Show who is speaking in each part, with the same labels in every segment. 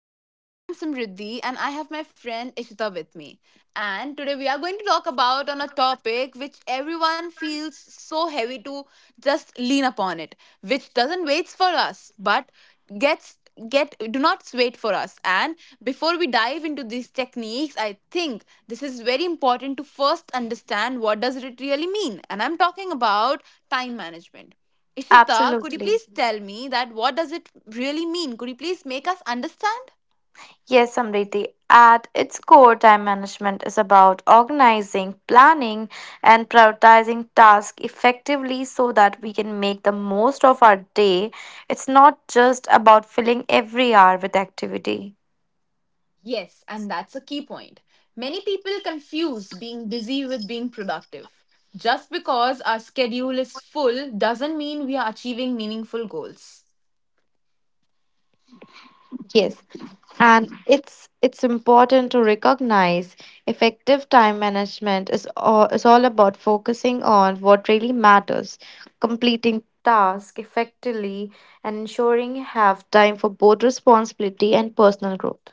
Speaker 1: Today I'm Samriddhi and I have my friend Ishita with me. And today we are going to talk about on a topic which everyone feels so heavy to just lean upon it, which doesn't wait for us, but gets get do not wait for us. And before we dive into these techniques, I think this is very important to first understand what does it really mean. And I'm talking about time management. Ishita, could you
Speaker 2: Absolutely.
Speaker 1: please tell me that what does it really mean? Could you please make us understand?
Speaker 2: Yes, Samriti. At its core, time management is about organizing, planning, and prioritizing tasks effectively so that we can make the most of our day. It's not just about filling every hour with activity.
Speaker 1: Yes, and that's a key point. Many people confuse being busy with being productive. Just because our schedule is full doesn't mean we are achieving meaningful goals.
Speaker 2: Yes, and it's important to recognize effective time management is all about focusing on what really matters, completing tasks effectively, and ensuring you have time for both responsibility and personal growth.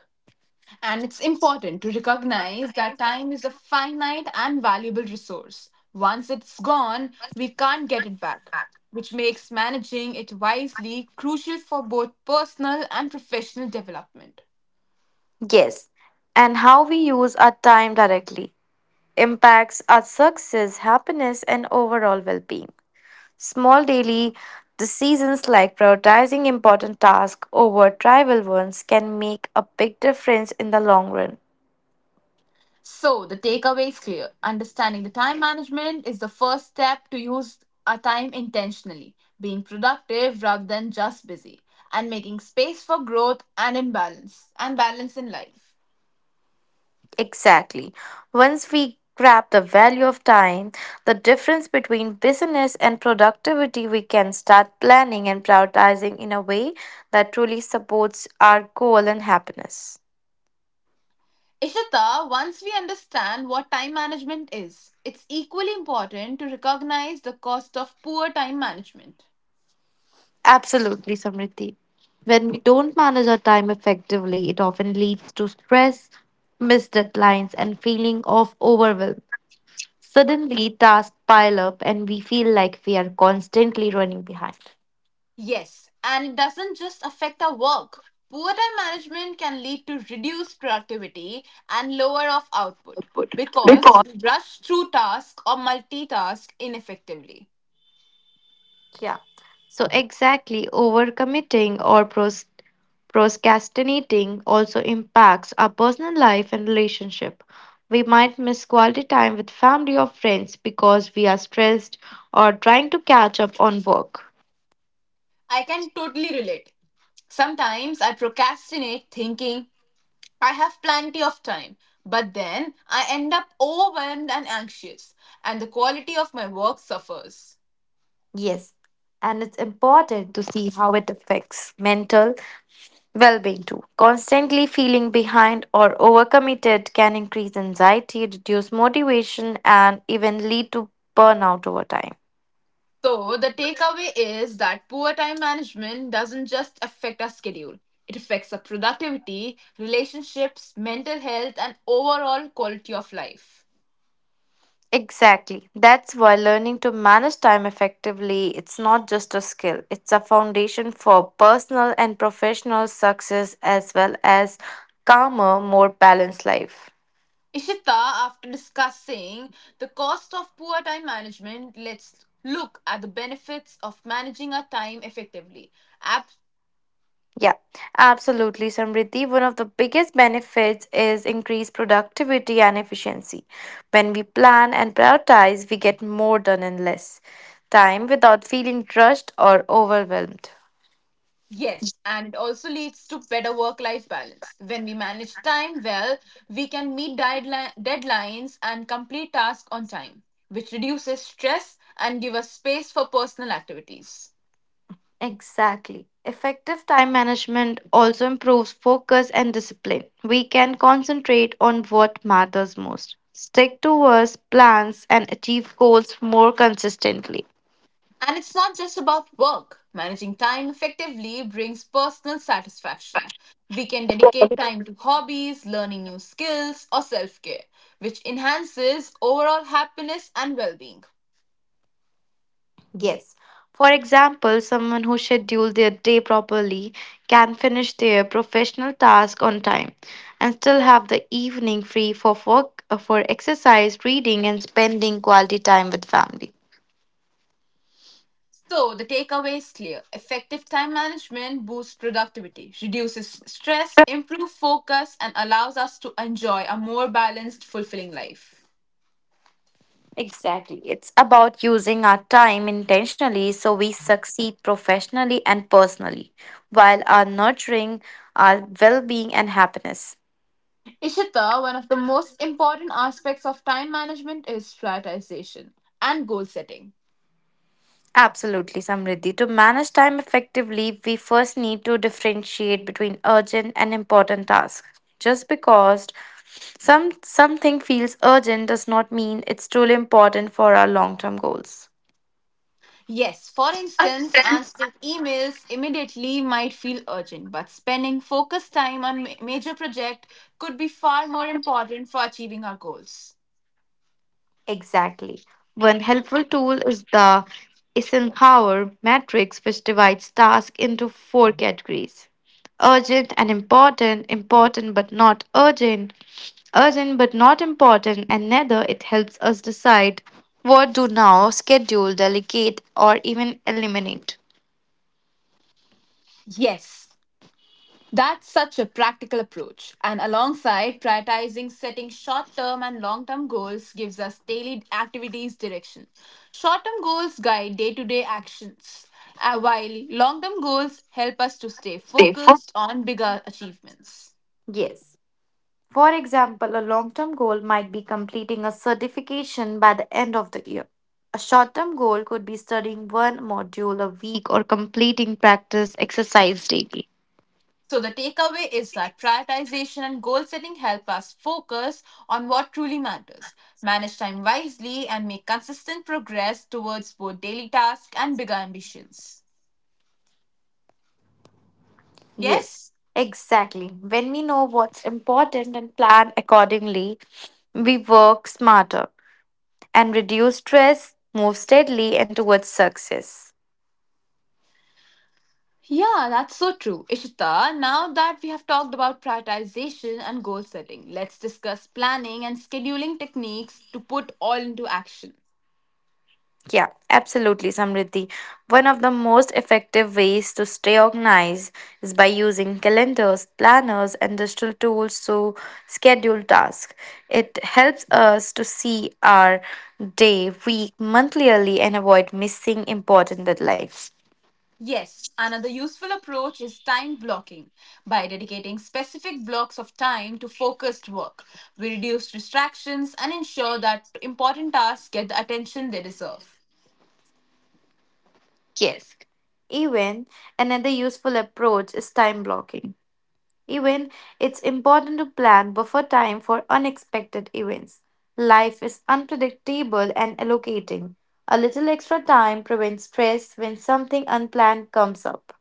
Speaker 1: And it's important to recognize that time is a finite and valuable resource. Once it's gone, we can't get it back, which makes managing it wisely crucial for both personal and professional development.
Speaker 2: Yes, and how we use our time directly impacts our success, happiness, and overall well being. Small daily decisions like prioritizing important tasks over trivial ones can make a big difference in the long run.
Speaker 1: So the takeaway is clear. Understanding the time management is the first step to use our time intentionally, being productive rather than just busy, and making space for growth and imbalance and balance in life.
Speaker 2: Exactly. Once we grab the value of time, the difference between business and productivity, we can start planning and prioritizing in a way that truly supports our goal and happiness.
Speaker 1: Ishita, once we understand what time management is, it's equally important to recognize the cost of poor time management.
Speaker 2: Absolutely, Samriti. When we don't manage our time effectively, it often leads to stress, missed deadlines, and feeling of overwhelm. Suddenly, tasks pile up, and we feel like we are constantly running behind.
Speaker 1: Yes, and it doesn't just affect our work. Poor time management can lead to reduced productivity and lower of output because we rush through tasks or multitask ineffectively.
Speaker 2: Yeah. So exactly, overcommitting or procrastinating also impacts our personal life and relationship. We might miss quality time with family or friends because we are stressed or trying to catch up on work.
Speaker 1: I can totally relate. Sometimes I procrastinate thinking I have plenty of time, but then I end up overwhelmed and anxious, and the quality of my work suffers.
Speaker 2: Yes, and it's important to see how it affects mental well being too. Constantly feeling behind or overcommitted can increase anxiety, reduce motivation, and even lead to burnout over time.
Speaker 1: So the takeaway is that poor time management doesn't just affect our schedule. It affects our productivity, relationships, mental health, and overall quality of life.
Speaker 2: Exactly. That's why learning to manage time effectively it's not just a skill. It's a foundation for personal and professional success as well as calmer, more balanced life.
Speaker 1: Ishita, after discussing the cost of poor time management, let's look at the benefits of managing our time effectively. Ab-
Speaker 2: Yeah, absolutely, Samriddhi. One of the biggest benefits is increased productivity and efficiency. When we plan and prioritize, we get more done in less time without feeling rushed or overwhelmed.
Speaker 1: Yes, and it also leads to better work life balance. When we manage time well, we can meet deadlines and complete tasks on time, which reduces stress and give us space for personal activities.
Speaker 2: Exactly. Effective time management also improves focus and discipline. We can concentrate on what matters most, stick to our plans, and achieve goals more consistently.
Speaker 1: And it's not just about work. Managing time effectively brings personal satisfaction. We can dedicate time to hobbies, learning new skills, or self care, which enhances overall happiness and well being.
Speaker 2: Yes. For example, someone who scheduled their day properly can finish their professional task on time and still have the evening free for work, for exercise, reading, and spending quality time with family.
Speaker 1: So the takeaway is clear. Effective time management boosts productivity, reduces stress, improves focus, and allows us to enjoy a more balanced, fulfilling life.
Speaker 2: Exactly. It's about using our time intentionally so we succeed professionally and personally while are nurturing our well-being and happiness.
Speaker 1: Ishita, one of the most important aspects of time management is prioritization and goal setting.
Speaker 2: Absolutely, Samriddhi. To manage time effectively, we first need to differentiate between urgent and important tasks. Just because something feels urgent does not mean it's truly important for our long-term goals.
Speaker 1: Yes, for instance, answering emails immediately might feel urgent, but spending focused time on major project could be far more important for achieving our goals.
Speaker 2: Exactly. One helpful tool is the Eisenhower matrix, which divides tasks into four categories urgent and important, important but not urgent, urgent but not important, and neither it helps us decide what do now, schedule, delegate, or even eliminate.
Speaker 1: Yes, that's such a practical approach. And alongside prioritizing setting short term and long term goals gives us daily activities direction. Short term goals guide day to day actions, while long term goals help us to stay focused on bigger achievements.
Speaker 2: Yes. For example, a long term goal might be completing a certification by the end of the year. A short term goal could be studying one module a week or completing practice exercise daily.
Speaker 1: So, the takeaway is that prioritization and goal setting help us focus on what truly matters, manage time wisely, and make consistent progress towards both daily tasks and bigger ambitions.
Speaker 2: Yes,
Speaker 1: Yes?
Speaker 2: exactly. When we know what's important and plan accordingly, we work smarter and reduce stress, move steadily, and towards success.
Speaker 1: Yeah, that's so true. Ishita, now that we have talked about prioritization and goal setting, let's discuss planning and scheduling techniques to put all into action.
Speaker 2: Yeah, absolutely, Samriddhi. One of the most effective ways to stay organized is by using calendars, planners, and digital tools to schedule tasks. It helps us to see our day, week, month clearly and avoid missing important deadlines.
Speaker 1: Yes, another useful approach is time blocking. By dedicating specific blocks of time to focused work, we reduce distractions and ensure that important tasks get the attention they deserve.
Speaker 2: Even another useful approach is time blocking. Even it's important to plan buffer time for unexpected events. Life is unpredictable and allocating a little extra time prevents stress when something unplanned comes up.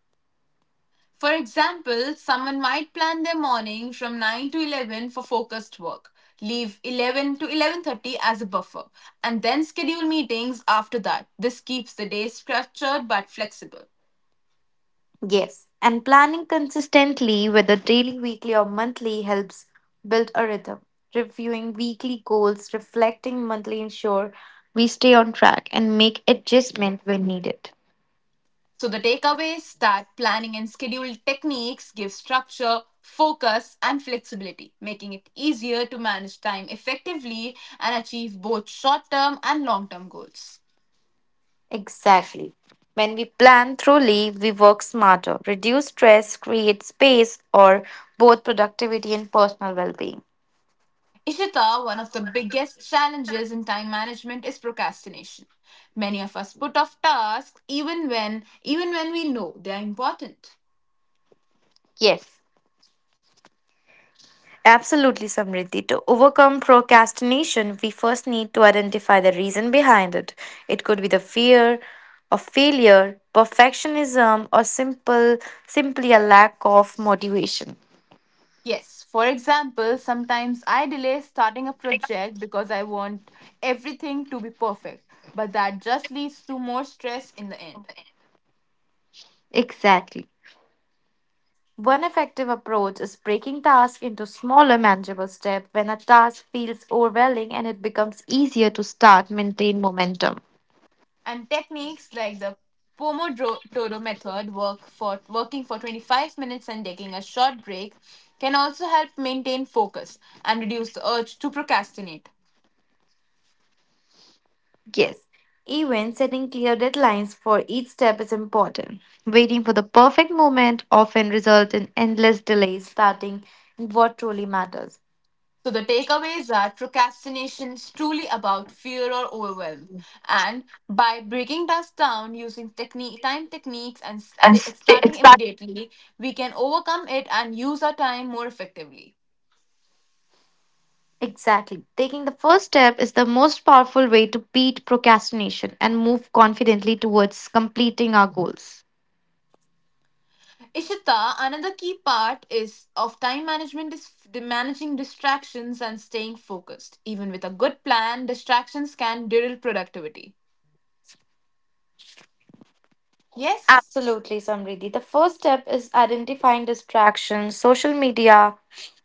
Speaker 1: For example, someone might plan their morning from 9 to 11 for focused work, leave 11 to 11:30 as a buffer, and then schedule meetings after that. This keeps the day structured but flexible.
Speaker 2: Yes, and planning consistently, whether daily, weekly, or monthly, helps build a rhythm. Reviewing weekly goals, reflecting monthly ensure we stay on track and make adjustment when needed.
Speaker 1: So the takeaways that planning and schedule techniques give structure, focus, and flexibility, making it easier to manage time effectively and achieve both short-term and long-term goals.
Speaker 2: Exactly. When we plan thoroughly, we work smarter, reduce stress, create space, or both productivity and personal well being.
Speaker 1: Ishita, one of the biggest challenges in time management is procrastination. Many of us put off tasks even when we know they are important.
Speaker 2: Yes. Absolutely, Samriddhi. To overcome procrastination, we first need to identify the reason behind it. It could be the fear of failure, perfectionism, or simple simply a lack of motivation.
Speaker 1: Yes, for example, sometimes I delay starting a project because I want everything to be perfect, but that just leads to more stress in the end.
Speaker 2: Exactly. One effective approach is breaking tasks into smaller manageable steps. When a task feels overwhelming and it becomes easier to start, maintain momentum.
Speaker 1: And techniques like the Pomodoro method, working for 25 minutes and taking a short break, can also help maintain focus and reduce the urge to procrastinate.
Speaker 2: Yes, even setting clear deadlines for each step is important. Waiting for the perfect moment often results in endless delays, starting in what truly matters.
Speaker 1: So the takeaways are procrastination is truly about fear or overwhelm, and by breaking tasks down using technique, time techniques, and starting immediately, we can overcome it and use our time more effectively.
Speaker 2: Exactly. Taking the first step is the most powerful way to beat procrastination and move confidently towards completing our goals.
Speaker 1: Ishita, another key part is of time management is the managing distractions and staying focused. Even with a good plan, distractions can derail productivity. Yes,
Speaker 2: Absolutely, Samriddhi. The first step is identifying distractions, social media,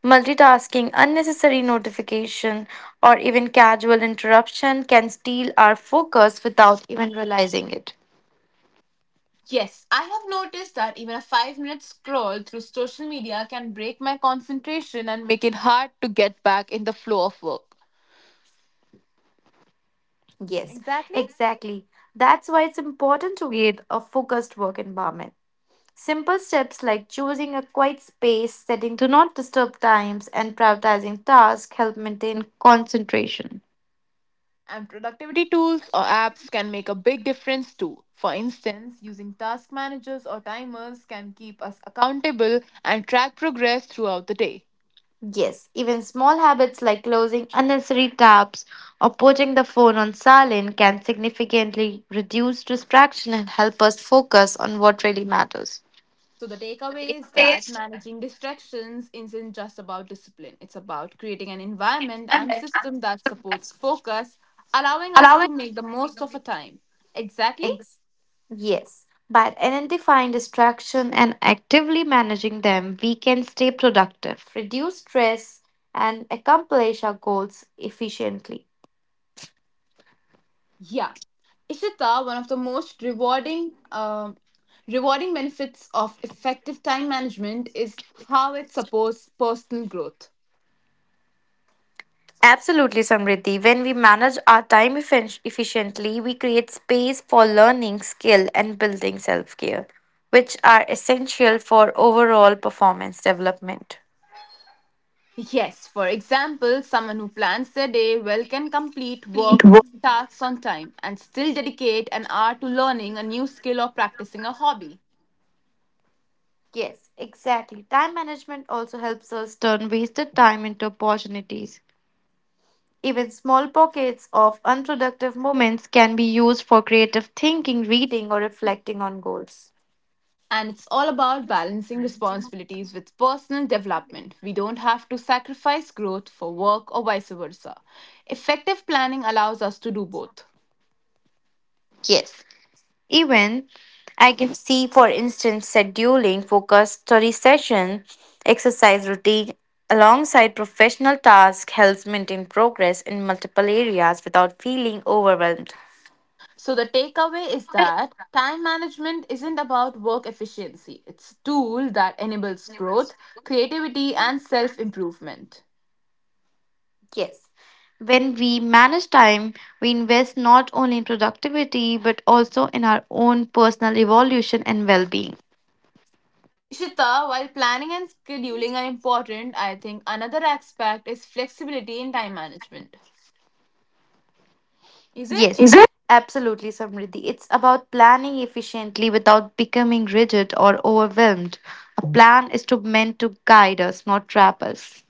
Speaker 2: multitasking, unnecessary notification, or even casual interruption can steal our focus without even realizing it.
Speaker 1: yes, I have noticed that even a 5-minute scroll through social media can break my concentration and make it hard to get back in the flow of work.
Speaker 2: Yes,
Speaker 1: Exactly.
Speaker 2: exactly. That's why it's important to create a focused work environment. Simple steps like choosing a quiet space, setting do not disturb times, and prioritizing tasks help maintain concentration.
Speaker 1: And productivity tools or apps can make a big difference too. For instance, using task managers or timers can keep us accountable and track progress throughout the day.
Speaker 2: Yes, even small habits like closing unnecessary tabs or putting the phone on silent can significantly reduce distraction and help us focus on what really matters.
Speaker 1: So, the takeaway is that managing distractions isn't just about discipline, it's about creating an environment and system that supports focus, allowing us to make the most of our time. Exactly.
Speaker 2: Ex- yes, by identifying distraction and actively managing them, we can stay productive, reduce stress, and accomplish our goals efficiently.
Speaker 1: Yeah. Ishita, one of the most rewarding rewarding benefits of effective time management is how it supports personal growth.
Speaker 2: Absolutely, Samriddhi. When we manage our time efficiently, we create space for learning, skill, and building self care, which are essential for overall performance development.
Speaker 1: Yes, for example, someone who plans their day well can complete
Speaker 2: It
Speaker 1: work tasks on time and still dedicate an hour to learning a new skill or practicing a hobby.
Speaker 2: Yes, exactly. Time management also helps us turn wasted time into opportunities. Even small pockets of unproductive moments can be used for creative thinking, reading, or reflecting on goals.
Speaker 1: And it's all about balancing responsibilities with personal development. We don't have to sacrifice growth for work or vice versa. Effective planning allows us to do both.
Speaker 2: Yes. Even I can see, for instance, scheduling focused study session, exercise routine alongside professional tasks helps maintain progress in multiple areas without feeling overwhelmed.
Speaker 1: So the takeaway is that time management isn't about work efficiency. It's a tool that enables growth, creativity and self-improvement.
Speaker 2: Yes. When we manage time, we invest not only in productivity but also in our own personal evolution and well being.
Speaker 1: Ishita, while planning and scheduling are important, I think another aspect is flexibility in time management. Is
Speaker 2: Yes,
Speaker 1: it?
Speaker 2: it? Absolutely, Samriddhi. It's about planning efficiently without becoming rigid or overwhelmed. A plan is to meant to guide us, not trap us.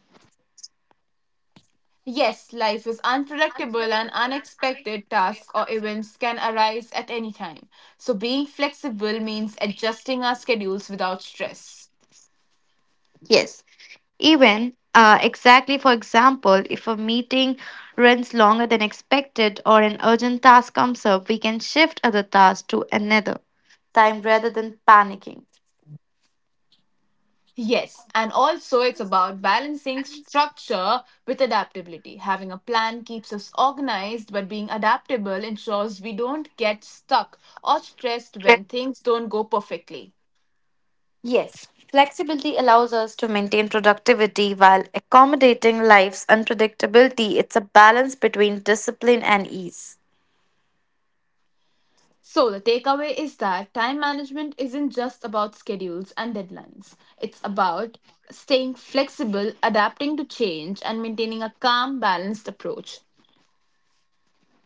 Speaker 1: Yes, life is unpredictable and unexpected tasks or events can arise at any time. So being flexible means adjusting our schedules without stress.
Speaker 2: Yes. Even Exactly, for example, if a meeting runs longer than expected or an urgent task comes up, we can shift other tasks to another time rather than panicking.
Speaker 1: Yes, and also it's about balancing structure with adaptability. Having a plan keeps us organized, but being adaptable ensures we don't get stuck or stressed when things don't go perfectly.
Speaker 2: Yes, flexibility allows us to maintain productivity while accommodating life's unpredictability. It's a balance between discipline and ease.
Speaker 1: So, the takeaway is that time management isn't just about schedules and deadlines, it's about staying flexible, adapting to change, and maintaining a calm, balanced approach.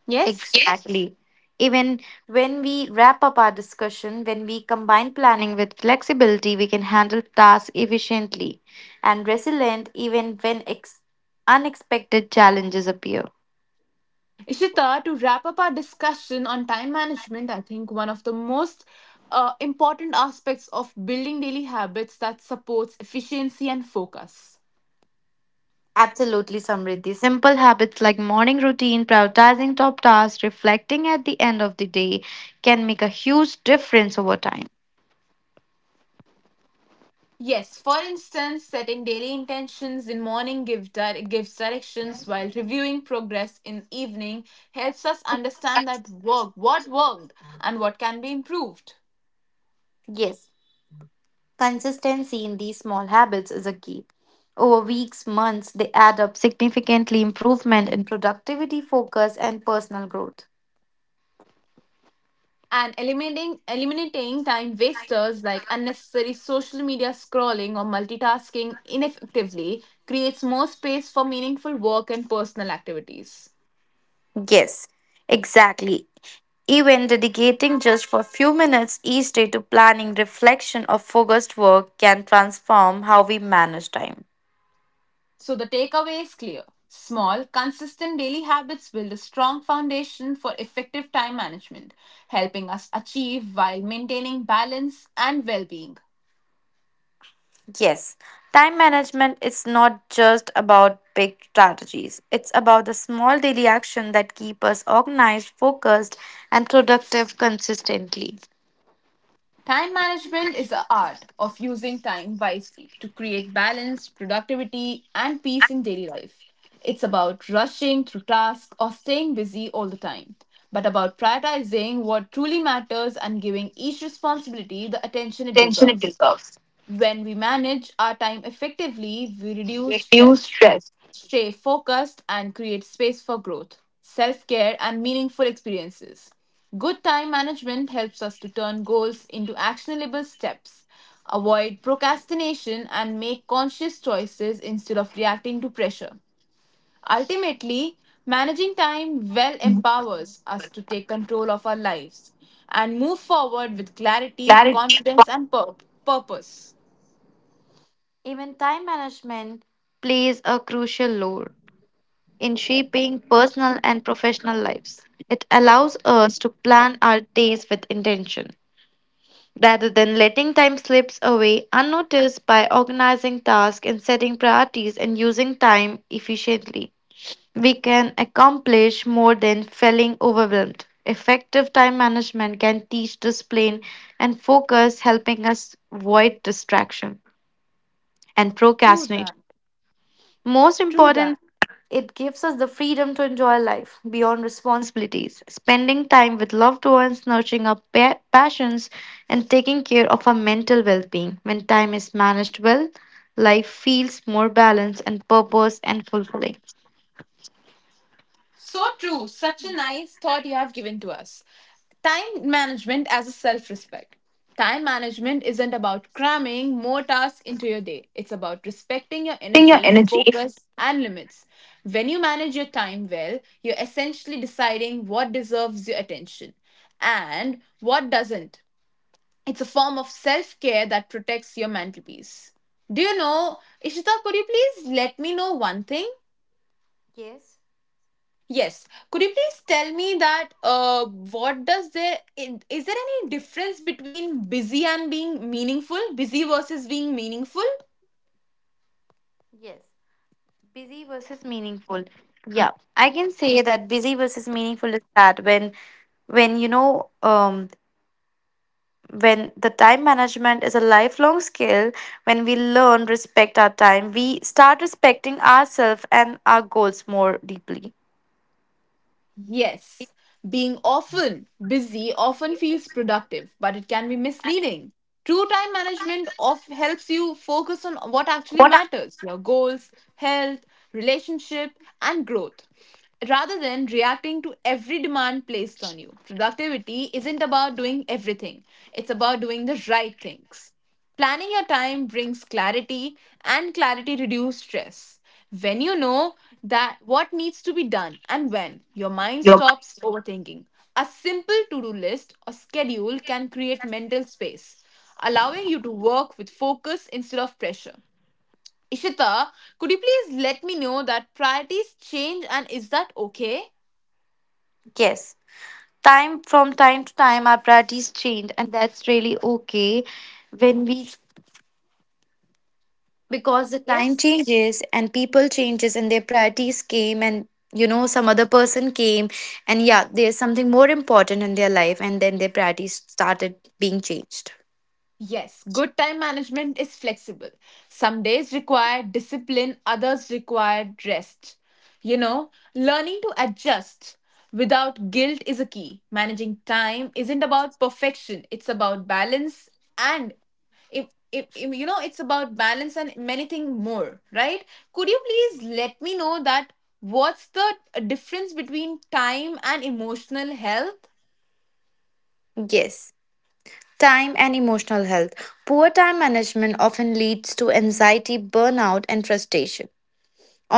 Speaker 1: Yes?
Speaker 2: Exactly. Even when we wrap up our discussion, when we combine planning with flexibility, we can handle tasks efficiently and resilient even when unexpected challenges appear.
Speaker 1: Ishita, to wrap up our discussion on time management, I think one of the most important aspects of building daily habits that supports efficiency and focus.
Speaker 2: Absolutely, Samriddhi. Simple habits like morning routine, prioritizing top tasks, reflecting at the end of the day can make a huge difference over time.
Speaker 1: Yes, for instance, setting daily intentions in morning gives directions while reviewing progress in evening helps us understand that work, what worked and what can be improved.
Speaker 2: Yes, consistency in these small habits is a key. Over weeks, months, they add up significantly improvement in productivity, focus, and personal growth.
Speaker 1: And eliminating time wasters like unnecessary social media scrolling or multitasking ineffectively creates more space for meaningful work and personal activities.
Speaker 2: Yes, exactly. Even dedicating just for a few minutes each day to planning, reflection, or focused work can transform how we manage time.
Speaker 1: So the takeaway is clear. Small, consistent daily habits build a strong foundation for effective time management, helping us achieve while maintaining balance and well-being.
Speaker 2: Yes, time management is not just about big strategies. It's about the small daily action that keep us organized, focused, and productive consistently.
Speaker 1: Time management is the art of using time wisely to create balance, productivity, and peace in daily life. It's about rushing through tasks or staying busy all the time, but about prioritizing what truly matters and giving each responsibility the attention it deserves. When we manage our time effectively, we reduce stress, stay focused and create space for growth, self care, and meaningful experiences. Good time management helps us to turn goals into actionable steps, avoid procrastination, and make conscious choices instead of reacting to pressure. Ultimately, managing time well empowers us to take control of our lives and move forward with clarity, confidence, and purpose.
Speaker 2: Even time management plays a crucial role in shaping personal and professional lives. It allows us to plan our days with intention rather than letting time slips away unnoticed by organizing tasks and setting priorities and using time efficiently. We can accomplish more than feeling overwhelmed. Effective time management can teach discipline and focus, helping us avoid distraction and
Speaker 1: True that.
Speaker 2: procrastination. Most
Speaker 1: True that.
Speaker 2: important, it gives us the freedom to enjoy life beyond responsibilities, spending time with loved ones, nurturing our passions, and taking care of our mental well being. When time is managed well, life feels more balanced and purpose and fulfilling.
Speaker 1: So true. Such a nice thought you have given to us. Time management as a self respect. Time management isn't about cramming more tasks into your day. It's about respecting your energy, focus, and limits. When you manage your time well, you're essentially deciding what deserves your attention and what doesn't. It's a form of self care that protects your mental peace. Do you know, Ishita, could you please let me know one thing?
Speaker 2: Yes,
Speaker 1: Yes. Could you please tell me that what does there is there any difference between busy and being meaningful? Busy versus being meaningful?
Speaker 2: yes. Busy versus meaningful. Yeah, I can say that busy versus meaningful is that when you know when the time management is a lifelong skill, when we learn respect our time, we start respecting ourselves and our goals more deeply.
Speaker 1: Yes, being often busy often feels productive, but it can be misleading. True time management of helps you focus on what actually matters, your goals, health, relationship, and growth rather than reacting to every demand placed on you. Productivity isn't about doing everything, it's about doing the right things. Planning your time brings clarity, and clarity reduces stress. When you know that what needs to be done and when, your mind stops overthinking. A simple to-do list or schedule can create mental space, allowing you to work with focus instead of pressure. Ishita, could you please let me know that priorities change and is that okay?
Speaker 2: Yes, time from time to time our priorities change, and that's really okay. When we, because the time
Speaker 1: Yes.
Speaker 2: changes and people changes and their priorities came, and you know some other person came, and yeah, there's something more important in their life, and then their priorities started being changed.
Speaker 1: Yes, good time management is flexible. Some days require discipline, others require rest. You know, learning to adjust without guilt is a key. Managing time isn't about perfection, it's about balance, and if, you know it's about balance and many things more, right? Could you please let me know that what's the difference between time and emotional health?
Speaker 2: Yes, time and emotional health. Poor time management often leads to anxiety, burnout, and frustration.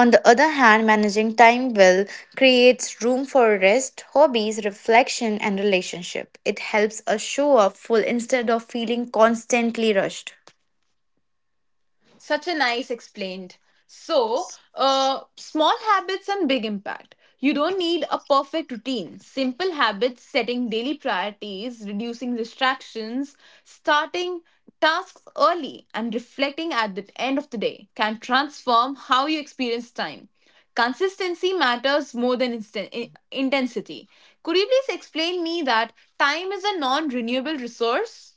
Speaker 2: On the other hand, managing time well creates room for rest, hobbies, reflection, and relationship. It helps us show up full instead of feeling constantly rushed.
Speaker 1: Such a nice explained. So, small habits and big impact. You don't need a perfect routine. Simple habits, setting daily priorities, reducing distractions, starting tasks early, and reflecting at the end of the day can transform how you experience time. Consistency matters more than intensity. Could you please explain me that time is a non renewable resource?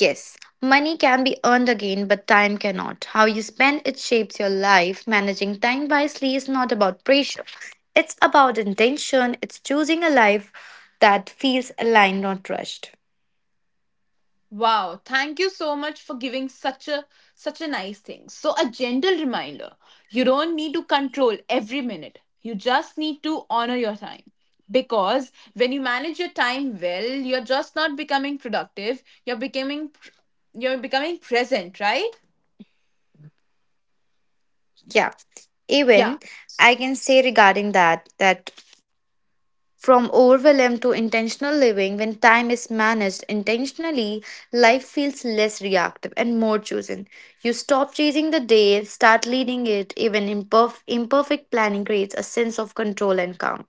Speaker 2: Yes, money can be earned again, but time cannot. How you spend it shapes your life. Managing time wisely is not about pressure, it's about intention. It's choosing a life that feels aligned, not rushed.
Speaker 1: Wow, thank you so much for giving such a nice thing. So a gentle reminder. You don't need to control every minute. You just need to honor your time. Because when you manage your time well, you're just not becoming productive, you're becoming present, right?
Speaker 2: Yeah,
Speaker 1: Yeah,
Speaker 2: even I can say regarding that, that from overwhelm to intentional living, when time is managed intentionally, life feels less reactive and more chosen. You stop chasing the day, start leading it, even imperfect planning creates a sense of control and calm.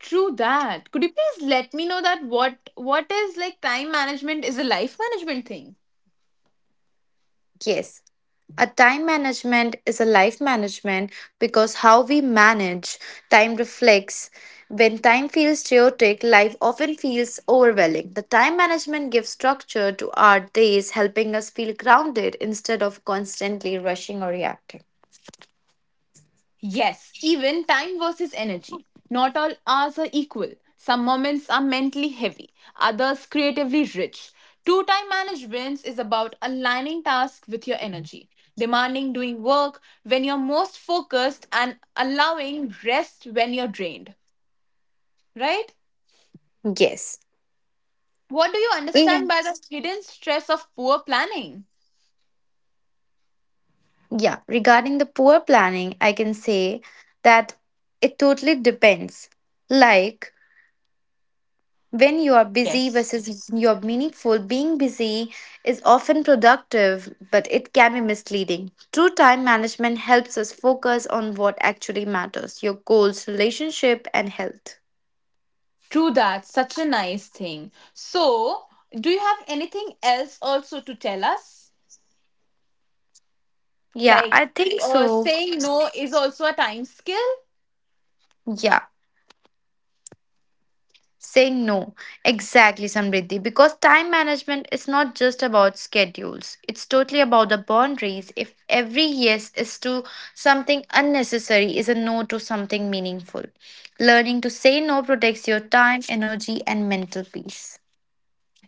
Speaker 1: true that. Could you please let me know that what is like time management is a life management thing?
Speaker 2: Yes, a time management is a life management because how we manage time reflects. When time feels chaotic, life often feels overwhelming. The time management gives structure to our days, helping us feel grounded instead of constantly rushing or reacting.
Speaker 1: Yes, even time versus energy. Not all hours are equal. Some moments are mentally heavy, others creatively rich. Two time management is about aligning tasks with your energy, demanding doing work when you're most focused, and allowing rest when you're drained. Right?
Speaker 2: Yes.
Speaker 1: What do you understand
Speaker 2: Even
Speaker 1: by the hidden stress of poor planning?
Speaker 2: yeah, regarding the poor planning, I can say that it totally depends. Like, when you are busy
Speaker 1: Yes.
Speaker 2: versus you're meaningful, being busy is often productive, but it can be misleading. True time management helps us focus on what actually matters, your goals, relationship, and health.
Speaker 1: True that. Such a nice thing. So, do you have anything else also to tell us?
Speaker 2: Yeah,
Speaker 1: Like
Speaker 2: I think so.
Speaker 1: saying no is also a time skill.
Speaker 2: Yeah. Saying no. Exactly, Samriddhi. Because time management is not just about schedules, it's totally about the boundaries. If every yes is to something unnecessary, is a no to something meaningful. Learning to say no protects your time, energy, and mental peace.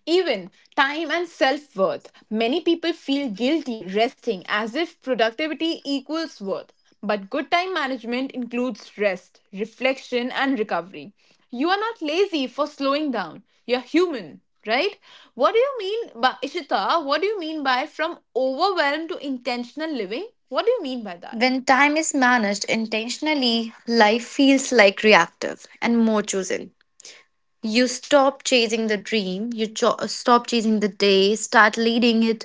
Speaker 1: Even time and self worth. Many people feel guilty resting as if productivity equals worth. But good time management includes rest, reflection, and recovery. You are not lazy for slowing down. You're human, right? What do you mean by Ishita? What do you mean by from overwhelmed to intentional living? What do you mean by that?
Speaker 2: When time is managed intentionally, life feels like reactive and more chosen. You stop chasing the dream you cho- stop chasing the day, start leading it,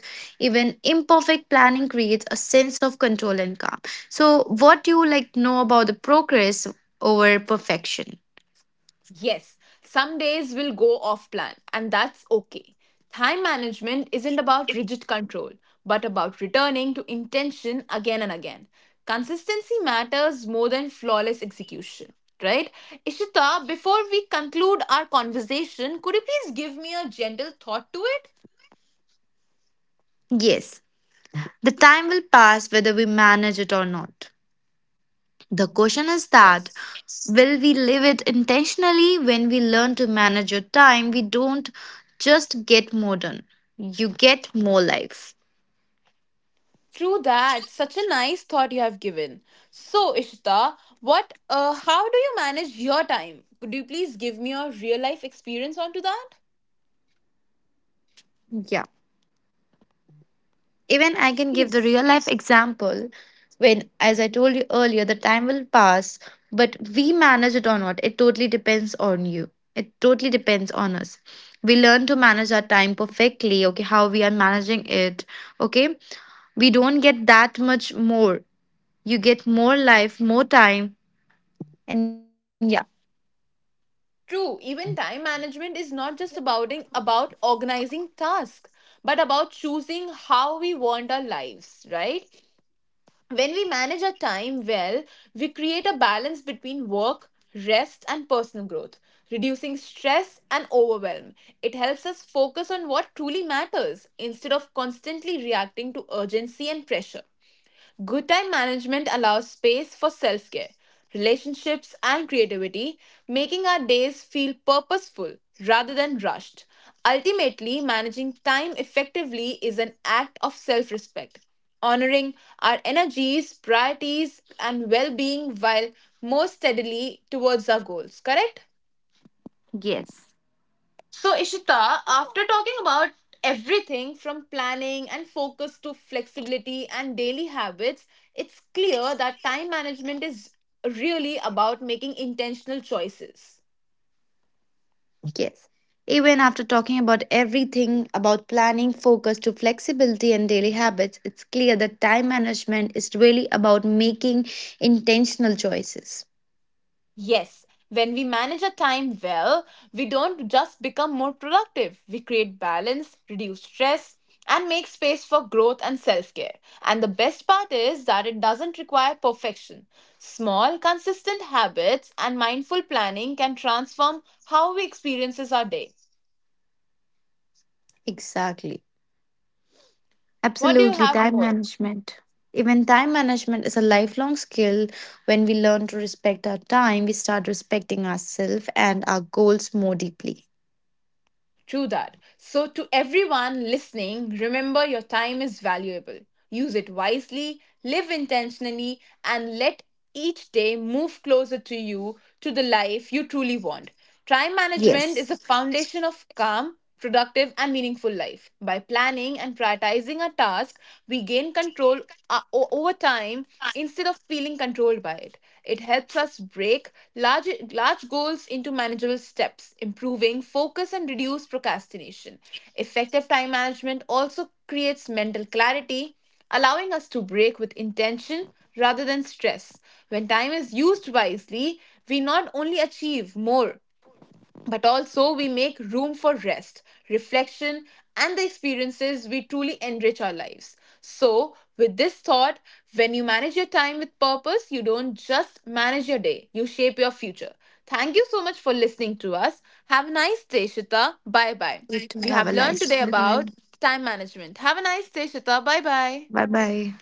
Speaker 2: even imperfect planning creates a sense of control and calm. So what do you like know about the progress over perfection?
Speaker 1: Yes, some days will go off plan, and that's okay. Time management isn't about rigid control, but about returning to intention again and again. Consistency matters more than flawless execution, right? Ishita, before we conclude our conversation, could you please give me a gentle thought to it?
Speaker 2: Yes, the time will pass whether we manage it or not. The question is that
Speaker 1: Yes.
Speaker 2: will we live it intentionally. When we learn to manage your time, we don't just get more done, you get more life.
Speaker 1: True that. Such a nice thought you have given. So, Ishita, what how do you manage your time? Could you please give me your real life experience onto that?
Speaker 2: Yeah, even I can give the
Speaker 1: It's
Speaker 2: real life example. When, as I told you earlier, the time will pass, but we manage it or not, it totally depends on you. It totally depends on us. We learn to manage our time perfectly, okay, how we are managing it, okay. We don't get that much more. You get more life, more time, and yeah,
Speaker 1: true. Even time management is not just about about organizing tasks, but about choosing how we want our lives, right? When we manage our time well, we create a balance between work, rest, and personal growth, reducing stress and overwhelm. It helps us focus on what truly matters instead of constantly reacting to urgency and pressure. Good time management allows space for self care, relationships, and creativity, making our days feel purposeful rather than rushed. Ultimately, managing time effectively is an act of self respect, honoring our energies, priorities, and well being while more steadily towards our goals, correct?
Speaker 2: yes.
Speaker 1: So, Ishita, after talking about everything from planning and focus to flexibility and daily habits, it's clear that time management is really about making intentional choices.
Speaker 2: Yes. Even after talking about everything about planning, focus to flexibility and daily habits, it's clear that time management is really about making intentional choices.
Speaker 1: Yes, when we manage our time well, we don't just become more productive. We create balance, reduce stress, and make space for growth and self care. And the best part is that it doesn't require perfection. Small, consistent habits and mindful planning can transform how we experiences our day.
Speaker 2: Exactly.
Speaker 1: What do you
Speaker 2: Absolutely.
Speaker 1: have
Speaker 2: Time
Speaker 1: more?
Speaker 2: management. Even time management is a lifelong skill. When we learn to respect our time, we start respecting ourselves and our goals more deeply.
Speaker 1: True that. So, to everyone listening, remember your time is valuable. Use it wisely, live intentionally, and let each day move closer to you, to the life you truly want. Time management is
Speaker 2: Yes.
Speaker 1: the foundation of calm, productive, and meaningful life. By planning and prioritizing our tasks, we gain control, over time instead of feeling controlled by it. It helps us break large goals into manageable steps, improving focus and reduce procrastination. Effective time management also creates mental clarity, allowing us to break with intention rather than stress. When time is used wisely, we not only achieve more but also we make room for rest, reflection, and the experiences we truly enrich our lives. So, with this thought, when you manage your time with purpose, you don't just manage your day, you shape your future. Thank you so much for listening to us. Have a nice day, Shita. Bye bye.
Speaker 2: Good to
Speaker 1: We
Speaker 2: have
Speaker 1: have
Speaker 2: a
Speaker 1: learned
Speaker 2: nice
Speaker 1: today about
Speaker 2: time.
Speaker 1: time management. Have a nice day, Shita. Bye bye.
Speaker 2: Bye bye.